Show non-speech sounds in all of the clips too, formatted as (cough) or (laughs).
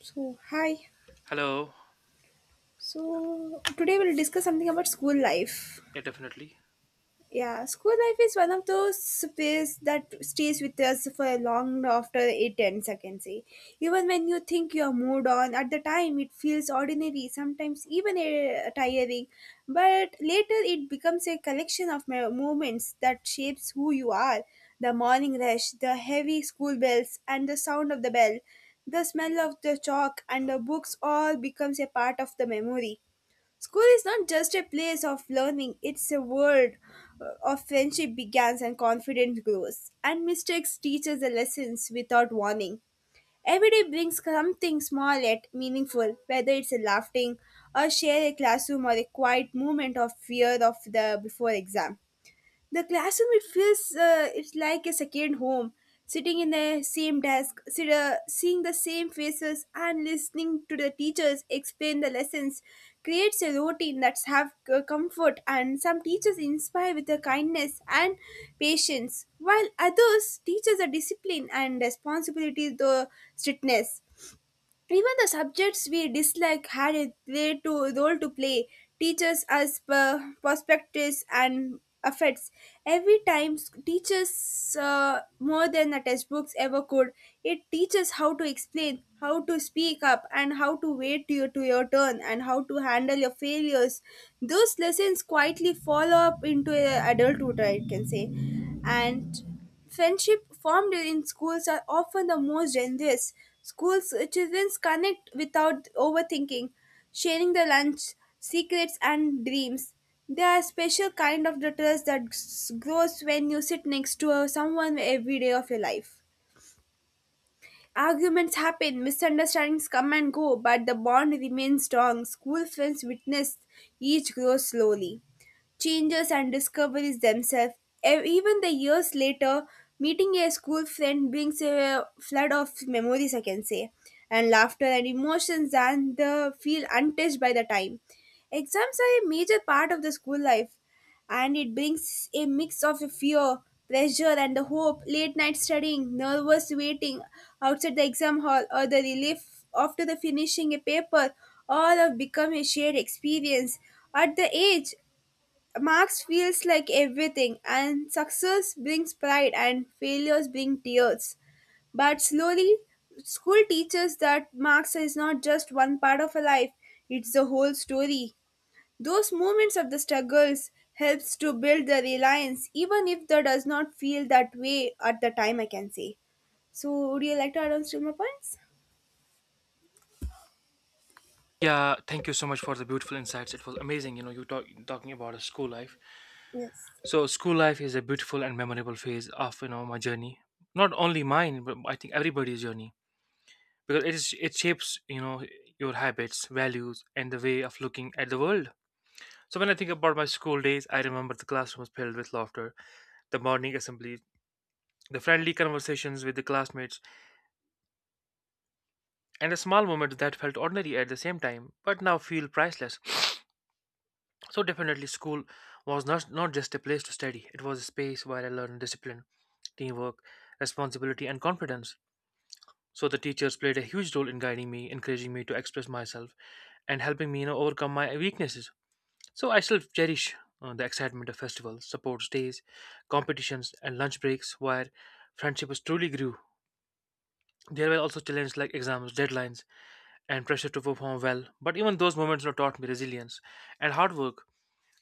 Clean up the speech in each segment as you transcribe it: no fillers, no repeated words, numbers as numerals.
So, hi. Hello. So, today we'll discuss something about school life. Yeah, definitely. Yeah, school life is one of those space that stays with us for long after it ends, I can say. Even when you think you're moved on, at the time it feels ordinary, sometimes even tiring. But later it becomes a collection of moments that shapes who you are. The morning rush, the heavy school bells, and the sound of the bell, the smell of the chalk and the books all becomes a part of the memory. School is not just a place of learning, it's a world of friendship begins and confidence grows. And mistakes teach us the lessons without warning. Every day brings something small yet meaningful, whether it's a laughing, a share a classroom, or a quiet moment of fear of the before exam. The classroom it feels, it's like a second home, sitting in the same desk, seeing the same faces, and listening to the teachers explain the lessons creates a routine that's have comfort. And some teachers inspire with their kindness and patience, while others teaches a discipline and responsibility, the strictness. Even the subjects we dislike had a great role to play. Teachers as perspectives and affects. Every time teaches more than the textbooks ever could. It teaches how to explain, how to speak up, and how to wait to your turn, and how to handle your failures. Those lessons quietly follow up into adulthood, I can say. And friendship formed in schools are often the most generous. Schools, children connect without overthinking, sharing the lunch, secrets, and dreams. They are a special kind of the trust that grows when you sit next to someone every day of your life. Arguments happen, misunderstandings come and go, but the bond remains strong. School friends witness each grow slowly changes and discoveries themselves. Even the years later, meeting a school friend brings a flood of memories, I can say, and laughter and emotions and the feel untouched by the time. Exams are a major part of the school life and it brings a mix of fear, pressure, and the hope. Late night studying, nervous waiting outside the exam hall, or the relief after the finishing a paper, all have become a shared experience. At the age, marks feels like everything, and success brings pride and failures bring tears. But slowly, school teaches that marks is not just one part of a life, it's the whole story. Those moments of the struggles helps to build the reliance, even if that does not feel that way at the time, I can say. So, would you like to add on still more points? Yeah, thank you so much for the beautiful insights. It was amazing. Talking about a school life. Yes, So, school life is a beautiful and memorable phase of my journey. Not only mine, but I think everybody's journey because it shapes your habits, values, and the way of looking at the world. So, when I think about my school days, I remember the classroom was filled with laughter, the morning assemblies, the friendly conversations with the classmates, and the small moments that felt ordinary at the same time but now feel priceless. So definitely school was not just a place to study, it was a space where I learned discipline, teamwork, responsibility and confidence. So the teachers played a huge role in guiding me, encouraging me to express myself and helping me, overcome my weaknesses. So I still cherish the excitement of festivals, sports days, competitions and lunch breaks where friendships truly grew. There were also challenges like exams, deadlines, and pressure to perform well, but even those moments, taught me resilience and hard work.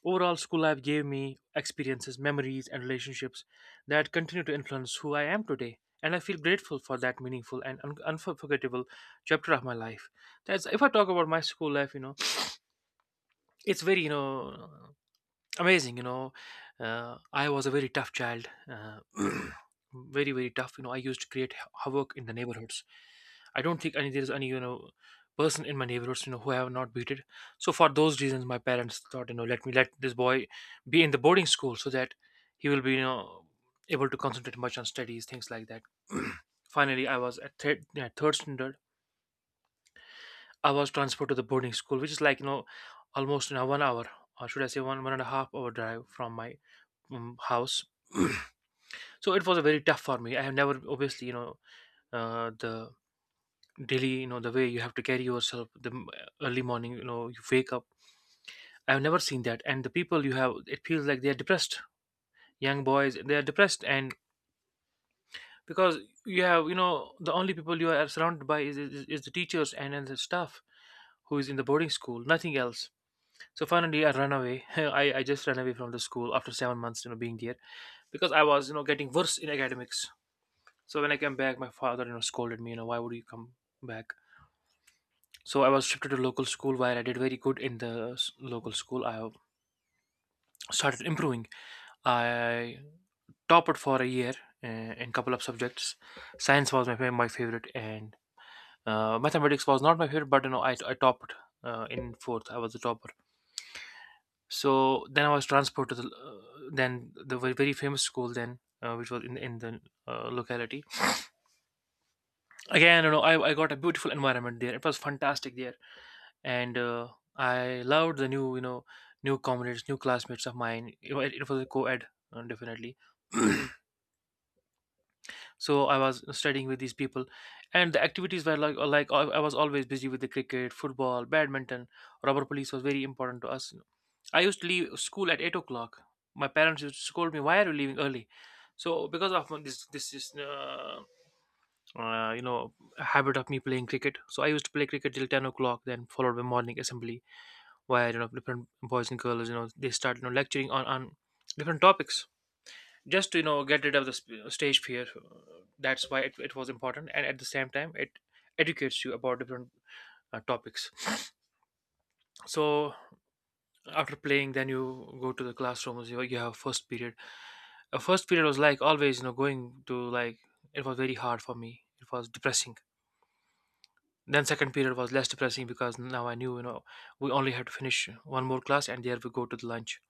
Overall, school life gave me experiences, memories, and relationships that continue to influence who I am today. And I feel grateful for that meaningful and unforgettable chapter of my life. That's if I talk about my school life, it's very, amazing. I was a very tough child. (clears throat) Very tough. I used to create havoc in the neighborhoods. I don't think any there's any you know person in my neighborhoods, who I have not beaten. So for those reasons, my parents thought, let me, let this boy be in the boarding school, so that he will be, able to concentrate much on studies, things like that. (clears throat) Finally, I was at third standard. I was transferred to the boarding school, which is, like almost, in a 1 hour, or should I say one and a half hour drive from my house. (clears throat) So it was a very tough for me. I have never, obviously, the daily, the way you have to carry yourself, the early morning, you wake up, I have never seen that. And the people, you have, it feels like they are depressed. Young boys, they are depressed, and because you have, the only people you are surrounded by is the teachers and the staff who is in the boarding school, nothing else. So finally, I ran away. (laughs) I just ran away from the school after 7 months, being there, because I was, getting worse in academics. So when I came back, my father, scolded me, why would you come back? So I was shifted to local school, where I did very good in the local school. I, started improving. I topped for a year, uh, in couple of subjects. Science was my favorite, and mathematics was not my favorite, but, you know, I topped, in fourth. I was a topper. So then I was transferred to the, then the very, very famous school then, which was in the locality. Again, you know, I got a beautiful environment there. It was fantastic there, and I loved the new, new comrades, new classmates of mine. You know, it was a co-ed, definitely. (clears throat) So I was studying with these people, and the activities were like, I was always busy with the cricket, football, badminton. Rubber police was very important to us. I used to leave school at 8 o'clock. My parents used to scold me, "Why are you leaving early?" So because of, this this is you know habit of me playing cricket, so I used to play cricket till 10 o'clock, then followed by morning assembly, where, different boys and girls, they start, lecturing on different topics, just to, get rid of the stage fear. That's why it was important, and at the same time it educates you about different, topics. (sniffs) So after playing, then you go to the classrooms, you have first period. First period was like, always, you know going to like it was very hard for me, it was depressing. Then second period was less depressing, because now I knew, we only had to finish one more class, and there we go to the lunch.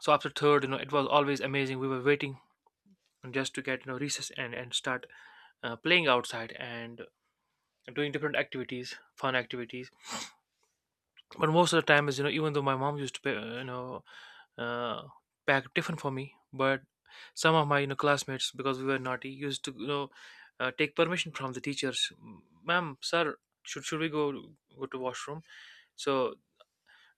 So after third, it was always amazing. We were waiting just to get, recess, and start, playing outside and doing different activities, fun activities. But most of the time is, even though my mom used to pay, uh, pack different for me, but some of my, classmates, because we were naughty, used to, take permission from the teachers, ma'am, sir, should we go to washroom? So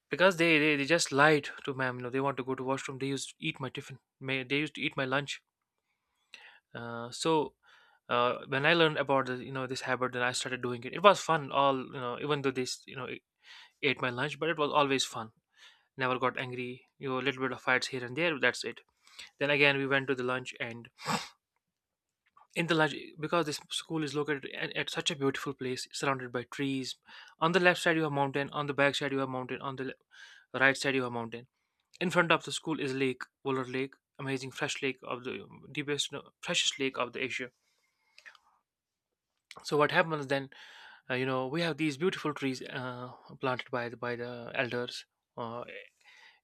because they just lied to ma'am, they want to go to washroom. They used to eat my tiffin. May, they used to eat my lunch. Uh, so when I learned about the, this habit, then I started doing it. It was fun. All, even though this, it ate my lunch, but it was always fun. Never got angry. You know, a little bit of fights here and there. That's it. Then again, we went to the lunch, and in the lunch, because this school is located at such a beautiful place, surrounded by trees. On the left side, you have mountain. On the back side, you have mountain. On the right side, you have mountain. In front of the school is lake, Wooler Lake, amazing fresh lake of the deepest, no, freshest lake of the Asia. So what happens then? You know, we have these beautiful trees, planted by the elders, uh,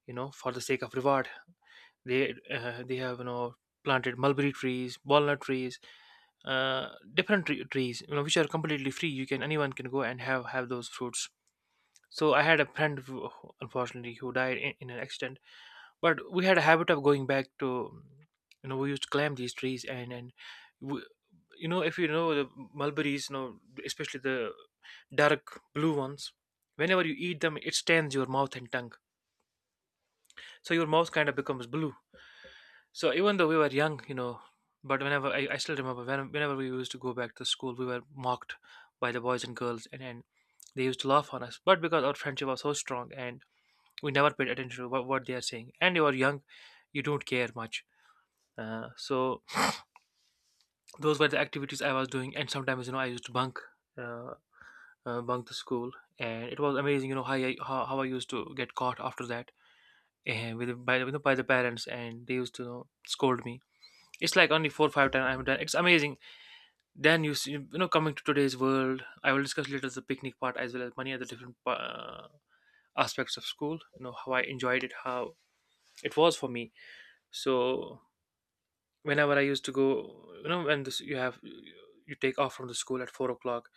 you know, for the sake of reward. They, they have, planted mulberry trees, walnut trees, different trees, which are completely free. You can, anyone can go and have those fruits. So I had a friend who, unfortunately, who died in an accident. But we had a habit of going back to, we used to climb these trees, and we, you know, if you know the mulberries, especially the dark blue ones. Whenever you eat them, it stains your mouth and tongue. So your mouth kind of becomes blue. So even though we were young, you know, but whenever I still remember whenever we used to go back to school, we were mocked by the boys and girls, and they used to laugh on us. But because our friendship was so strong, and we never paid attention to what they are saying, and you are young, you don't care much. So those were the activities I was doing, and sometimes, I used to bunk, uh, bunk the school, and it was amazing. You know how I used to get caught after that, with by the parents, and they used to, scold me. It's like only four or five times I'm done. It's amazing. Then you see, you know, coming to today's world, I will discuss later the picnic part, as well as many other different, aspects of school. You know how I enjoyed it, how it was for me. So whenever I used to go, you know, when you have, you take off from the school at 4 o'clock,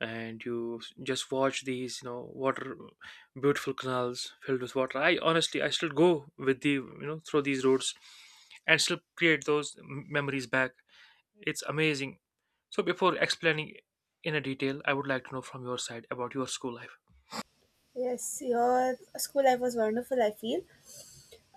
and you just watch these, water, beautiful canals filled with water. I honestly, I still go with the, through these roads, and still create those memories back. It's amazing. So before explaining in a detail, I would like to know from your side about your school life. yes, your school life was wonderful, I feel.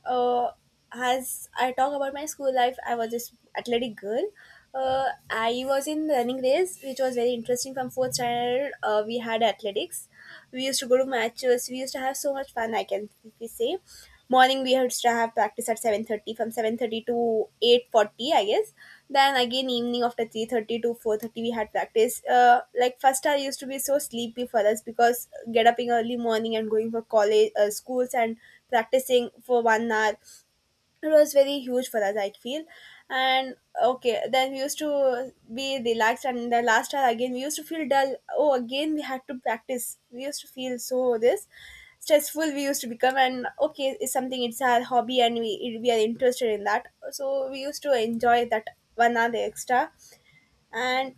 uh, as I talk about my school life, I was this athletic girl. I was in running race, which was very interesting. From fourth standard, we had athletics. We used to go to matches. We used to have so much fun, I can safely say. Morning we used to have practice at 7:30. From 7:30 to 8:40, I guess. Then again evening after 3:30 to 4:30, we had practice. Like first, I used to be so sleepy for us because get up in early morning and going for college, schools and practicing for 1 hour. It was very huge for us, I feel. And okay, then we used to be relaxed, and in the last hour again, we used to feel dull. Oh, again, we had to practice. We used to feel so this stressful we used to become. And okay, it's something, it's our hobby and we are interested in that, so we used to enjoy that 1 hour extra. and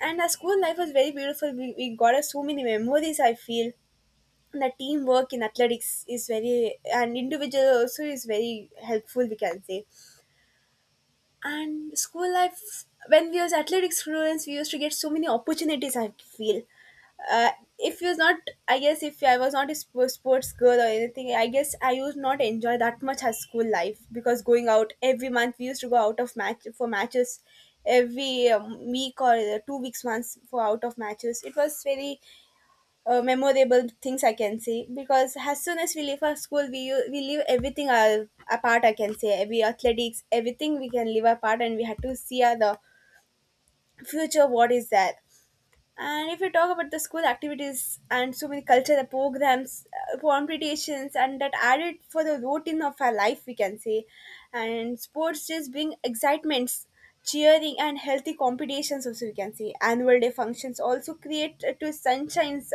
and our school life was very beautiful. We got us so many memories, I feel. The teamwork in athletics is very and individual also is very helpful, we can say. And school life, when we was athletic students, we used to get so many opportunities, I feel. Uh, if you was not, I guess if I was not a sports girl or anything, I guess I used not enjoy that much as school life because going out every month we used to go out of match for matches every week or 2 weeks once for out of matches. It was very memorable things, I can say. Because as soon as we leave our school, we leave everything our, apart. I can say every athletics, everything we can leave apart, and we had to see the future. What is that? And if we talk about the school activities and so many cultural programs, competitions, and that added for the routine of our life, we can say. And sports just bring excitements, cheering, and healthy competitions, also, we can say. Annual day functions also create to sunshines,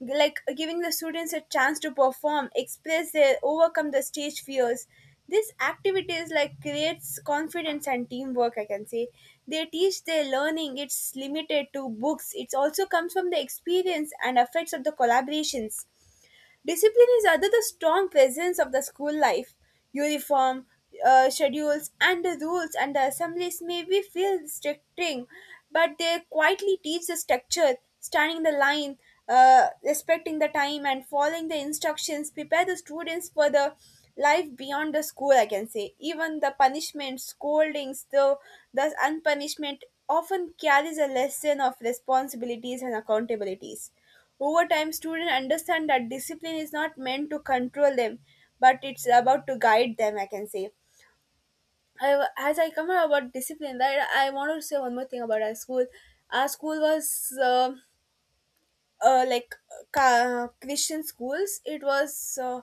like giving the students a chance to perform, express their, overcome the stage fears. These activities like creates confidence and teamwork, I can say. They teach their learning, it's limited to books. It also comes from the experience and affects of the collaborations. Discipline is other the strong presence of the school life. Uniform, schedules, and the rules and the assemblies may be feel restricting, but they quietly teach the structure, standing the line, respecting the time, and following the instructions prepare the students for the life beyond the school. I can say even the punishment, scoldings, the thus unpunishment often carries a lesson of responsibilities and accountabilities. Over time, students understand that discipline is not meant to control them, but it's about to guide them, I can say. I, as I come out about discipline, right, I want to say one more thing about our school. Our school was, like Christian schools. It was,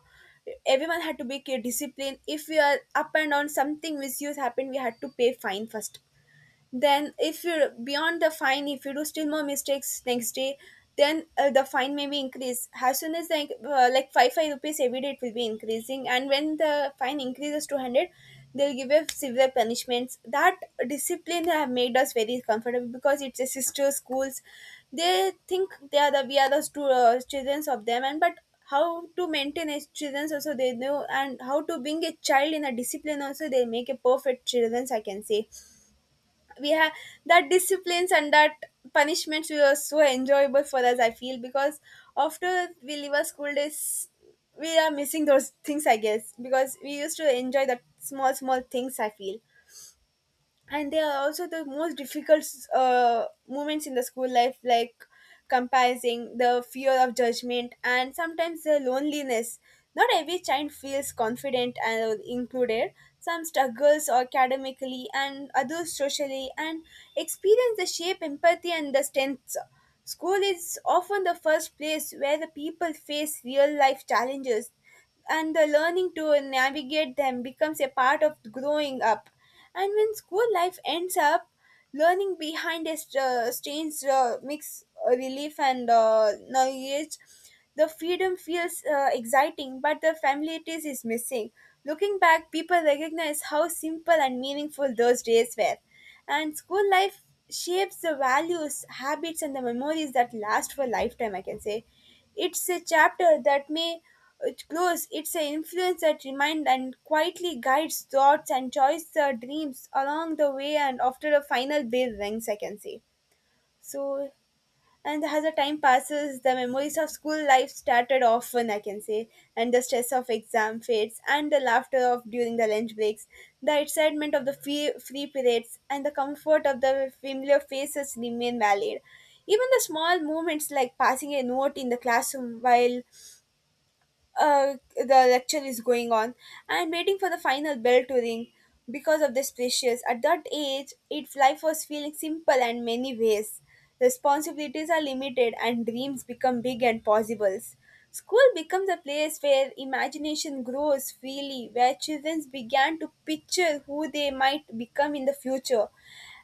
everyone had to be disciplined. If we are up and down, something misuse happened, we had to pay fine first. Then if you're beyond the fine, if you do still more mistakes next day, then the fine may be increased as soon as like, like 5 rupees every day it will be increasing, and when the fine increases to 100, they'll give us severe punishments. That discipline have made us very comfortable because it's a sister schools. They think they are the, we are the children of them, and but how to maintain as children also they know, and how to being a child in a discipline also, they make a perfect children, I can say. We have that disciplines, and that punishments were so enjoyable for us, I feel, because after we leave our school days, we are missing those things, I guess, because we used to enjoy that small small things, I feel. And they are also the most difficult moments in the school life, like comparing the fear of judgment and sometimes the loneliness. Not every child feels confident and included. Some struggles academically and others socially, and experience the shape empathy and the strengths. School is often the first place where the people face real life challenges, and the learning to navigate them becomes a part of growing up. And when school life ends up, learning behind a strange mix relief and knowledge, the freedom feels exciting, but the familiarity is missing. Looking back, people recognize how simple and meaningful those days were. And school life shapes the values, habits, and the memories that last for a lifetime, I can say. It's a chapter that may close, it's an influence that reminds and quietly guides thoughts and choices, dreams along the way and after a final bell rings, I can say. So, and as the time passes, the memories of school life started often, I can say, and the stress of exam fades, and the laughter of during the lunch breaks, the excitement of the free periods, and the comfort of the familiar faces remain valid. Even the small moments like passing a note in the classroom while the lecture is going on and waiting for the final bell to ring because of the spacious, at that age, its life was feeling simple in many ways. Responsibilities are limited and dreams become big and possibles. School becomes a place where imagination grows freely, where children began to picture who they might become in the future.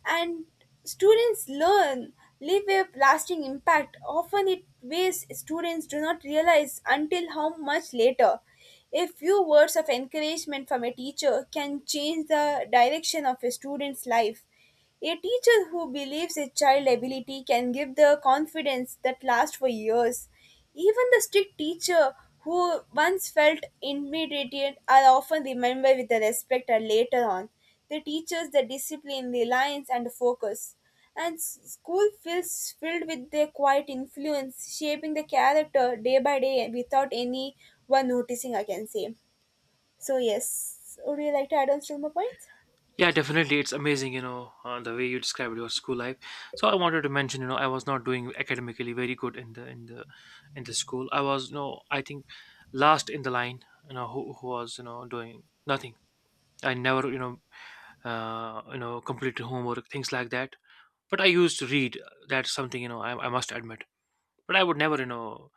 And students learn, leave a lasting impact, often it ways students do not realize until how much later. A few words of encouragement from a teacher can change the direction of a student's life. A teacher who believes a child's ability can give the confidence that lasts for years. Even the strict teacher who once felt intimidated are often remembered with the respect and later on. They teach us the discipline, reliance, and focus. School feels filled with their quiet influence, shaping the character day by day without anyone noticing, I can say. So, yes, would you like to add on some more points? Yeah, definitely. It's amazing, you know, the way you described your school life. So I wanted to mention, you know, I was not doing academically very good in the school. I was, you know, I think last in the line, you know, who was, you know, doing nothing. I never, you know, completed homework, things like that. But I used to read. That's something, you know, I must admit. But I would never,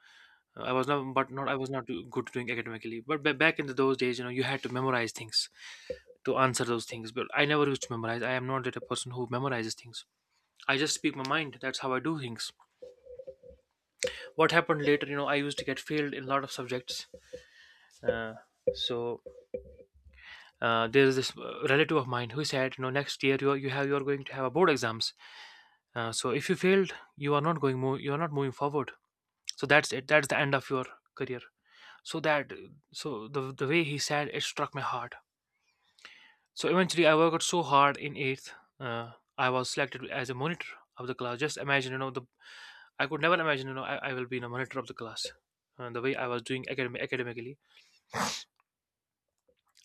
I was not, but not I was not good doing academically. But back in those days, you had to memorize things to answer those things. But I never used to memorize. I am not that a person who memorizes things. I just speak my mind. That's how I do things. What happened later, I used to get failed in a lot of subjects. Uh, so there is this relative of mine who said, next year you are, you are going to have a board exams. So if you failed, you are not moving forward. So that's it. That's the end of your career. So that so the way he said it struck my heart. So eventually, I worked so hard in eighth. Uh, I was selected as a monitor of the class. Just imagine, you know, the I could never imagine, I will be in a monitor of the class. The way I was doing academically,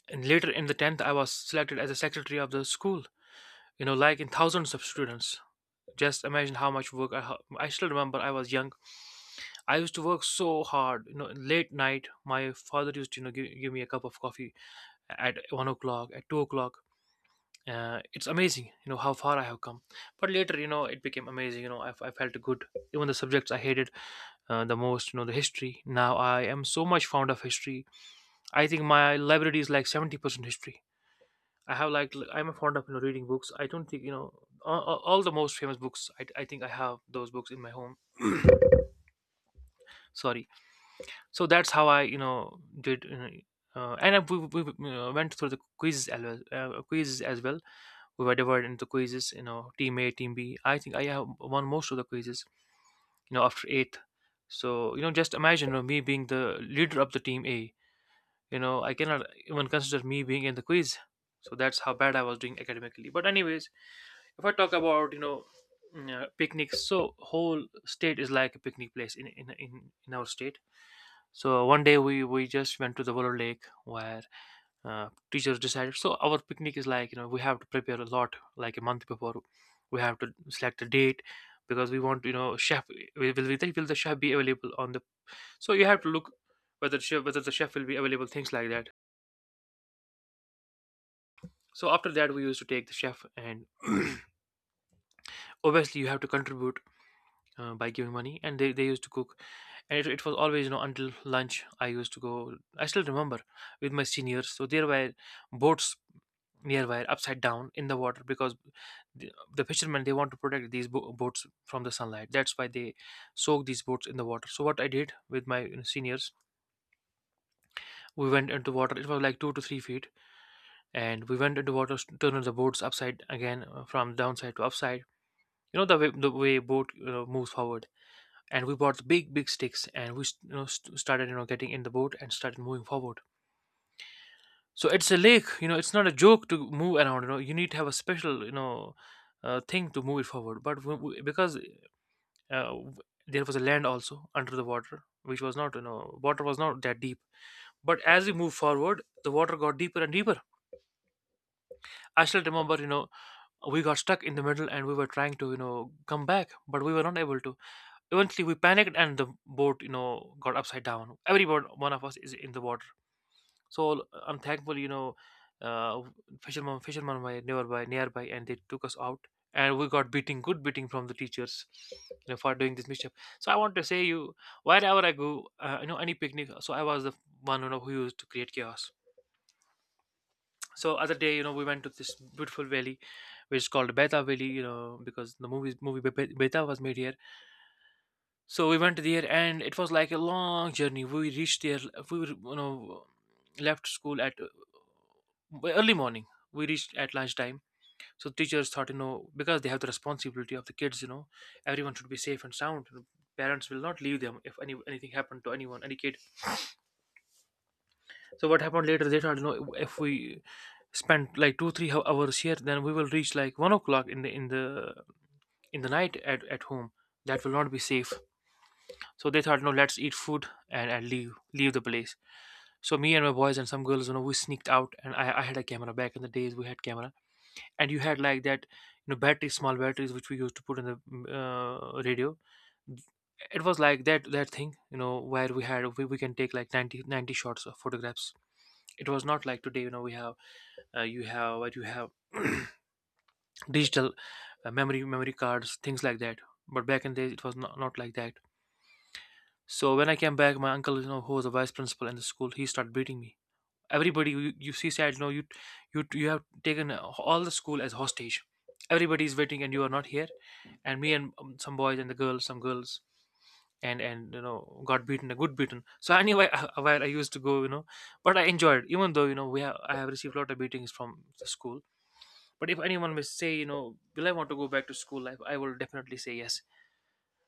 and later in the tenth, I was selected as a secretary of the school. You know, like in thousands of students. Just imagine how much work I. I still remember I was young. I used to work so hard. You know, late night, my father used to give me a cup of coffee at 1 o'clock, at 2 o'clock. It's amazing, you know, how far I have come. But later, you know, it became amazing. I felt good. Even the subjects I hated, the most, you know, the history. Now I am so much fond of history. I think my library is like 70% history. I have like I'm fond of, you know, reading books. I don't think, you know, all the most famous books. I think I have those books in my home. Sorry. So that's how I, you know, did, you know, and we went through the quizzes as well, quizzes as well. We were divided into quizzes, you know, team A, team B. I think I have won most of the quizzes, you know, after eighth. So, you know, just imagine, you know, me being the leader of the team A. You know, I cannot even consider me being in the quiz. So that's how bad I was doing academically. But anyways, if I talk about, picnics, so whole state is like a picnic place in our state. So one day we just went to the Willow Lake where teachers decided. So our picnic is like, you know, we have to prepare a lot like a month before. We have to select a date because we want, you know, chef will the chef be available on the. So you have to look whether chef, whether the chef will be available, things like that. So after that, we used to take the chef, and (clears throat) obviously you have to contribute by giving money, and they used to cook. And it was always, you know, until lunch I used to go. I still remember with my seniors. So there were boats nearby, upside down in the water, because the fishermen, they want to protect these boats from the sunlight. That's why they soak these boats in the water. So what I did with my, you know, seniors, we went into water. It was like 2 to 3 feet, and we went into water, turned the boats upside again, from downside to upside, you know, the way boat, you know, moves forward. And we bought the big sticks, and we, you know, started, you know, getting in the boat and started moving forward. So it's a lake, you know. It's not a joke to move around. You know, you need to have a special, you know, thing to move it forward. But because uh, w- there was a land also under the water, which was not, you know, water was not that deep. But as we moved forward, the water got deeper and deeper. I still remember, you know, we got stuck in the middle, and we were trying to, you know, come back, but we were not able to. Eventually, we panicked, and the boat, you know, got upside down. Every one of us is in the water. So unthankful, you know, uh, fisherman were nearby, and they took us out. And we got beating, good beating, from the teachers, you know, for doing this mischief. So I want to say, you wherever I go, you know, any picnic, so I was the one, you know, who used to create chaos. So other day, you know, we went to this beautiful valley, which is called Beta Valley, you know, because the movie Beta was made here. So we went there, and it was like a long journey. We reached there. We were, you know, left school at early morning. We reached at lunchtime. So teachers thought, you know, because they have the responsibility of the kids, you know, everyone should be safe and sound. Parents will not leave them if anything happened to anyone, any kid. So what happened later? They thought, you know, if we spend like 2 3 hours here, then we will reach like 1 o'clock in the night at home. That will not be safe. So they thought, no, let's eat food, and, leave the place. So me and my boys and some girls, you know, we sneaked out, and I had a camera back in the days. We had camera, and you had like that, you know, batteries, small batteries which we used to put in the radio. It was like that thing, you know, where we had we can take like ninety shots of photographs. It was not like today, you know, we have you have what you have (clears throat) digital memory cards, things like that. But back in the days, it was not, not like that. So when I came back, my uncle, you know, who was the vice principal in the school, he started beating me. Everybody, you see, said, no, you have taken all the school as hostage. Everybody is waiting, and you are not here. And me and some boys and the girls, some girls, and you know, got beaten, a good beaten. So anyway, (laughs) where I used to go, you know, but I enjoyed, even though, you know, we have, I have received a lot of beatings from the school. But if anyone may say, you know, will I want to go back to school life? I will definitely say yes,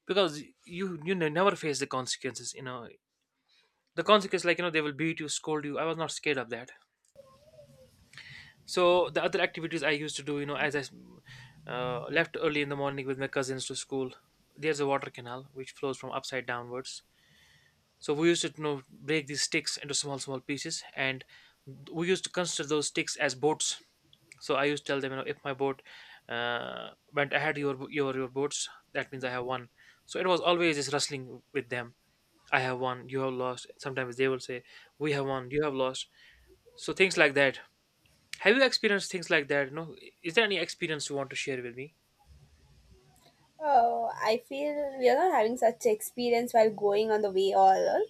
because you never face the consequences, you know, the consequence like, you know, they will beat you, scold you. I was not scared of that. So the other activities I used to do, you know, as I left early in the morning with my cousins to school, there's a water canal which flows from upside downwards. So we used to, you know, break these sticks into small pieces, and we used to consider those sticks as boats. So I used to tell them, you know, if my boat went ahead your boats, that means I have won. So it was always this wrestling with them. I have won, you have lost. Sometimes they will say, we have won, you have lost. So things like that. Have you experienced things like that? No, is there any experience you want to share with me? Oh, I feel we are not having such experience while going on the way all.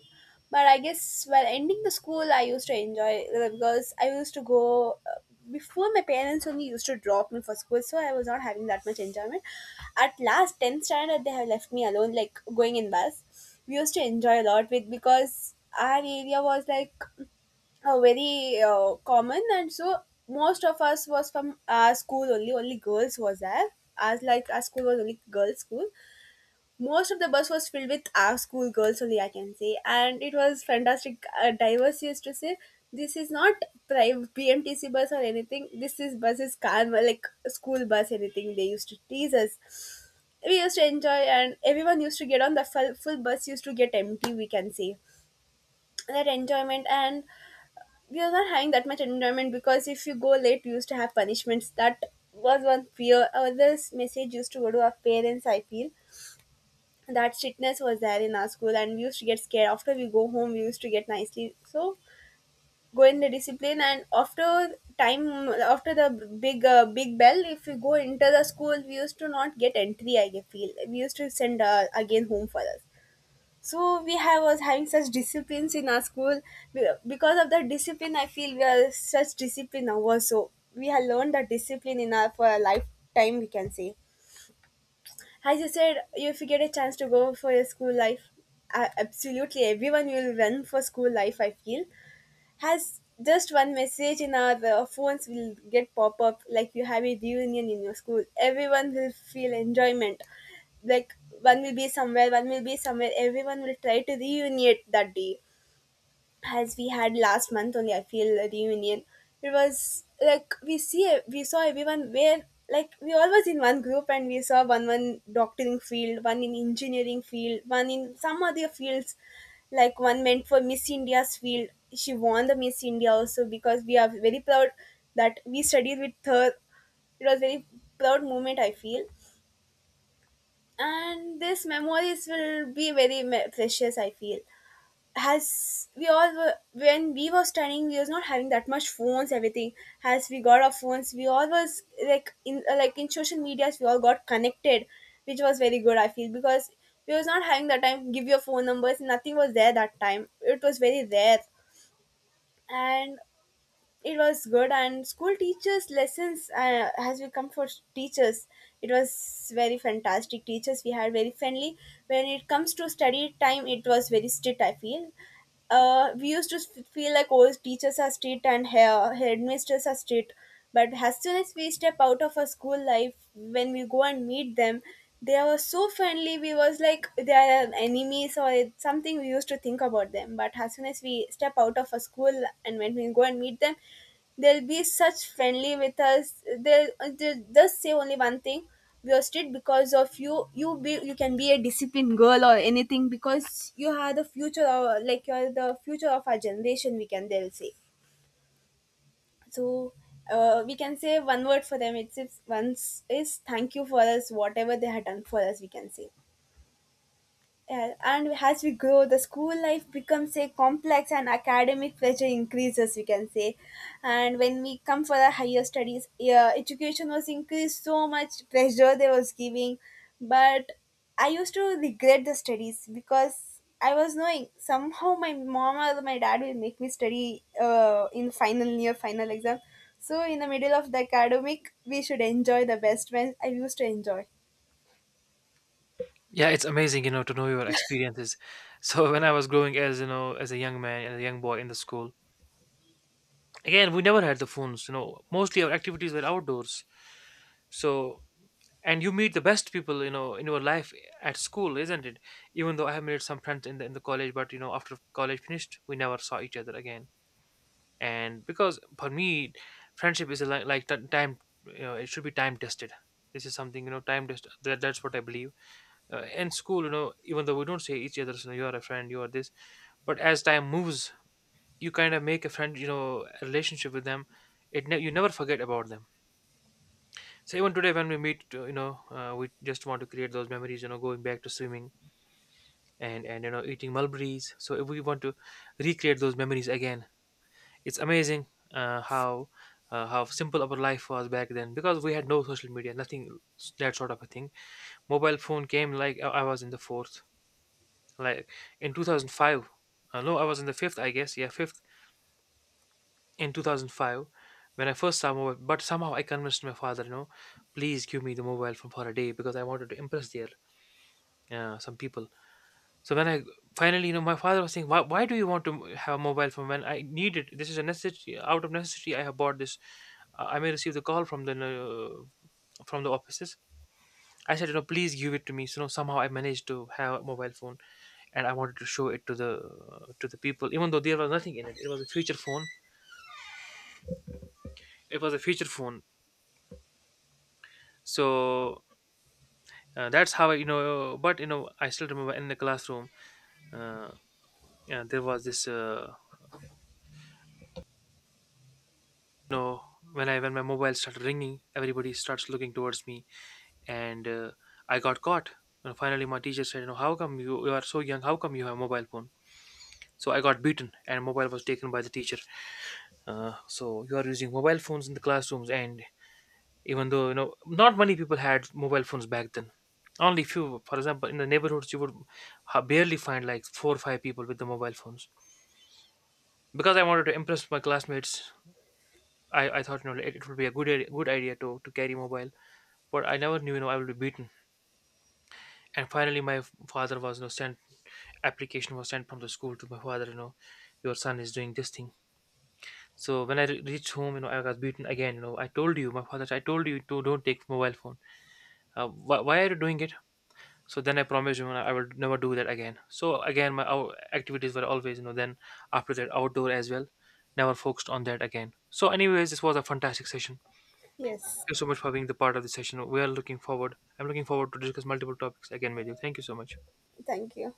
But I guess while ending the school, I used to enjoy because I used to go before my parents only used to drop me for school, so I was not having that much enjoyment. At last, 10th standard, they have left me alone, like going in bus. We used to enjoy a lot with because our area was like very common and so most of us was from our school only, only girls was there, as like our school was only girls school. Most of the bus was filled with our school girls only, I can say, and it was fantastic. Diverse used to say this is not private BMTC bus or anything, this is bus is karma like school bus anything. They used to tease us, we used to enjoy, and everyone used to get on the full bus, used to get empty, we can say. That enjoyment and we are not having that much enjoyment because if you go late, we used to have punishments. That was one fear or message used to go to our parents, I feel. That strictness was there in our school, and we used to get scared after we go home, we used to get nicely. So go in the discipline, and after time, after the big big bell, if we go into the school, we used to not get entry, I feel. We used to send again home for us. So we have was having such disciplines in our school. Because of the discipline, I feel we are such discipline now also, we have learned that discipline in our for a lifetime, we can say. As you said, if you get a chance to go for your school life, absolutely everyone will run for school life, I feel. Has just one message in our phones will get pop up like you have a reunion in your school. Everyone will feel enjoyment. Like one will be somewhere, one will be somewhere. Everyone will try to reunite that day. As we had last month only, I feel a reunion. It was like we see e, we saw everyone where like we all was in one group, and we saw one doctoring field, one in engineering field, one in some other fields. Like one meant for Miss India's field, she won the Miss India also. Because we are very proud that we studied with her, it was very proud moment, I feel. And these memories will be very precious, I feel. Has we all were when we were studying, we was not having that much phones everything. As we got our phones, we all was like in social medias, we all got connected, which was very good, I feel. Because we was not having that time, give your phone numbers, nothing was there that time, it was very rare. And it was good. And school teachers lessons, as we come for teachers, it was very fantastic teachers we had, very friendly. When it comes to study time, it was very strict, I feel. We used to feel like all teachers are strict and hair headmisters are strict, but as soon as we step out of our school life, when we go and meet them, they were so friendly. We was like they are enemies or it's something, we used to think about them. But as soon as we step out of a school and when we go and meet them, they'll be such friendly with us. They'll just say only one thing: we wasted because of you. You be you can be a disciplined girl or anything, because you are the future of like you are the future of our generation, we can they'll say. So we can say one word for them, it's once is thank you for us, whatever they had done for us, we can say. Yeah, and as we grow, the school life becomes a complex and academic pressure increases, we can say. And when we come for the higher studies, yeah, education was increased so much pressure they was giving. But I used to regret the studies because I was knowing somehow my mom or my dad will make me study in final year, final exam. So in the middle of the academic, we should enjoy the best when I used to enjoy. Yeah, it's amazing, you know, to know your experiences. (laughs) So when I was growing as, you know, as a young man and a young boy in the school, again, we never had the phones, you know. Mostly our activities were outdoors. So, and you meet the best people, you know, in your life at school, isn't it? Even though I have made some friends in the college, but you know, after college finished, we never saw each other again. And because for me, friendship is like time, you know, it should be time tested. This is something, you know, time tested. That, that's what I believe. In school, you know, even though we don't say each other's, you know, you are a friend, you are this, but as time moves, you kind of make a friend, you know, a relationship with them. It you never forget about them. So even today when we meet, you know, we just want to create those memories, you know, going back to swimming, and you know, eating mulberries. So if we want to recreate those memories again. It's amazing, uh, how how simple our life was back then, because we had no social media, nothing that sort of a thing. Mobile phone came like I was in the fourth, like in 2005. No, I was in the fifth, I guess. Yeah, fifth in 2005 when I first saw mobile. But somehow I convinced my father, you know, please give me the mobile phone for a day because I wanted to impress their some people. So when I finally, you know, my father was saying, why do you want to have a mobile phone when I need it? This is a necessity. Out of necessity, I have bought this. I may receive the call from the offices." I said, "You know, please give it to me." So you know, somehow I managed to have a mobile phone, and I wanted to show it to the people, even though there was nothing in it. It was a feature phone. It was a feature phone. So that's how I, you know. But you know, I still remember in the classroom, uh, yeah, there was this. Know, when I, when my mobile started ringing, everybody starts looking towards me, and I got caught. And finally my teacher said, you know, how come you are so young, how come you have a mobile phone? So I got beaten, and mobile was taken by the teacher. So you are using mobile phones in the classrooms, and even though, you know, not many people had mobile phones back then, only few. For example, in the neighborhoods, you would barely find like 4 or 5 people with the mobile phones. Because I wanted to impress my classmates, I thought, you know, it would be a good idea to carry mobile. But I never knew, you know, I would be beaten. And finally, my father was, you know, sent, application was sent from the school to my father, you know, your son is doing this thing. So when I reached home, you know, I was beaten again. You know, I told you, my father, I told you to don't take mobile phone. Why are you doing it? So then I promised him I would never do that again. So again, my our activities were always, you know, then after that outdoor as well. Never focused on that again. So, anyways, this was a fantastic session. Yes, Thank you so much for being the part of the session. We are looking forward. I'm looking forward to discuss multiple topics again with you. Thank you so much. thank you.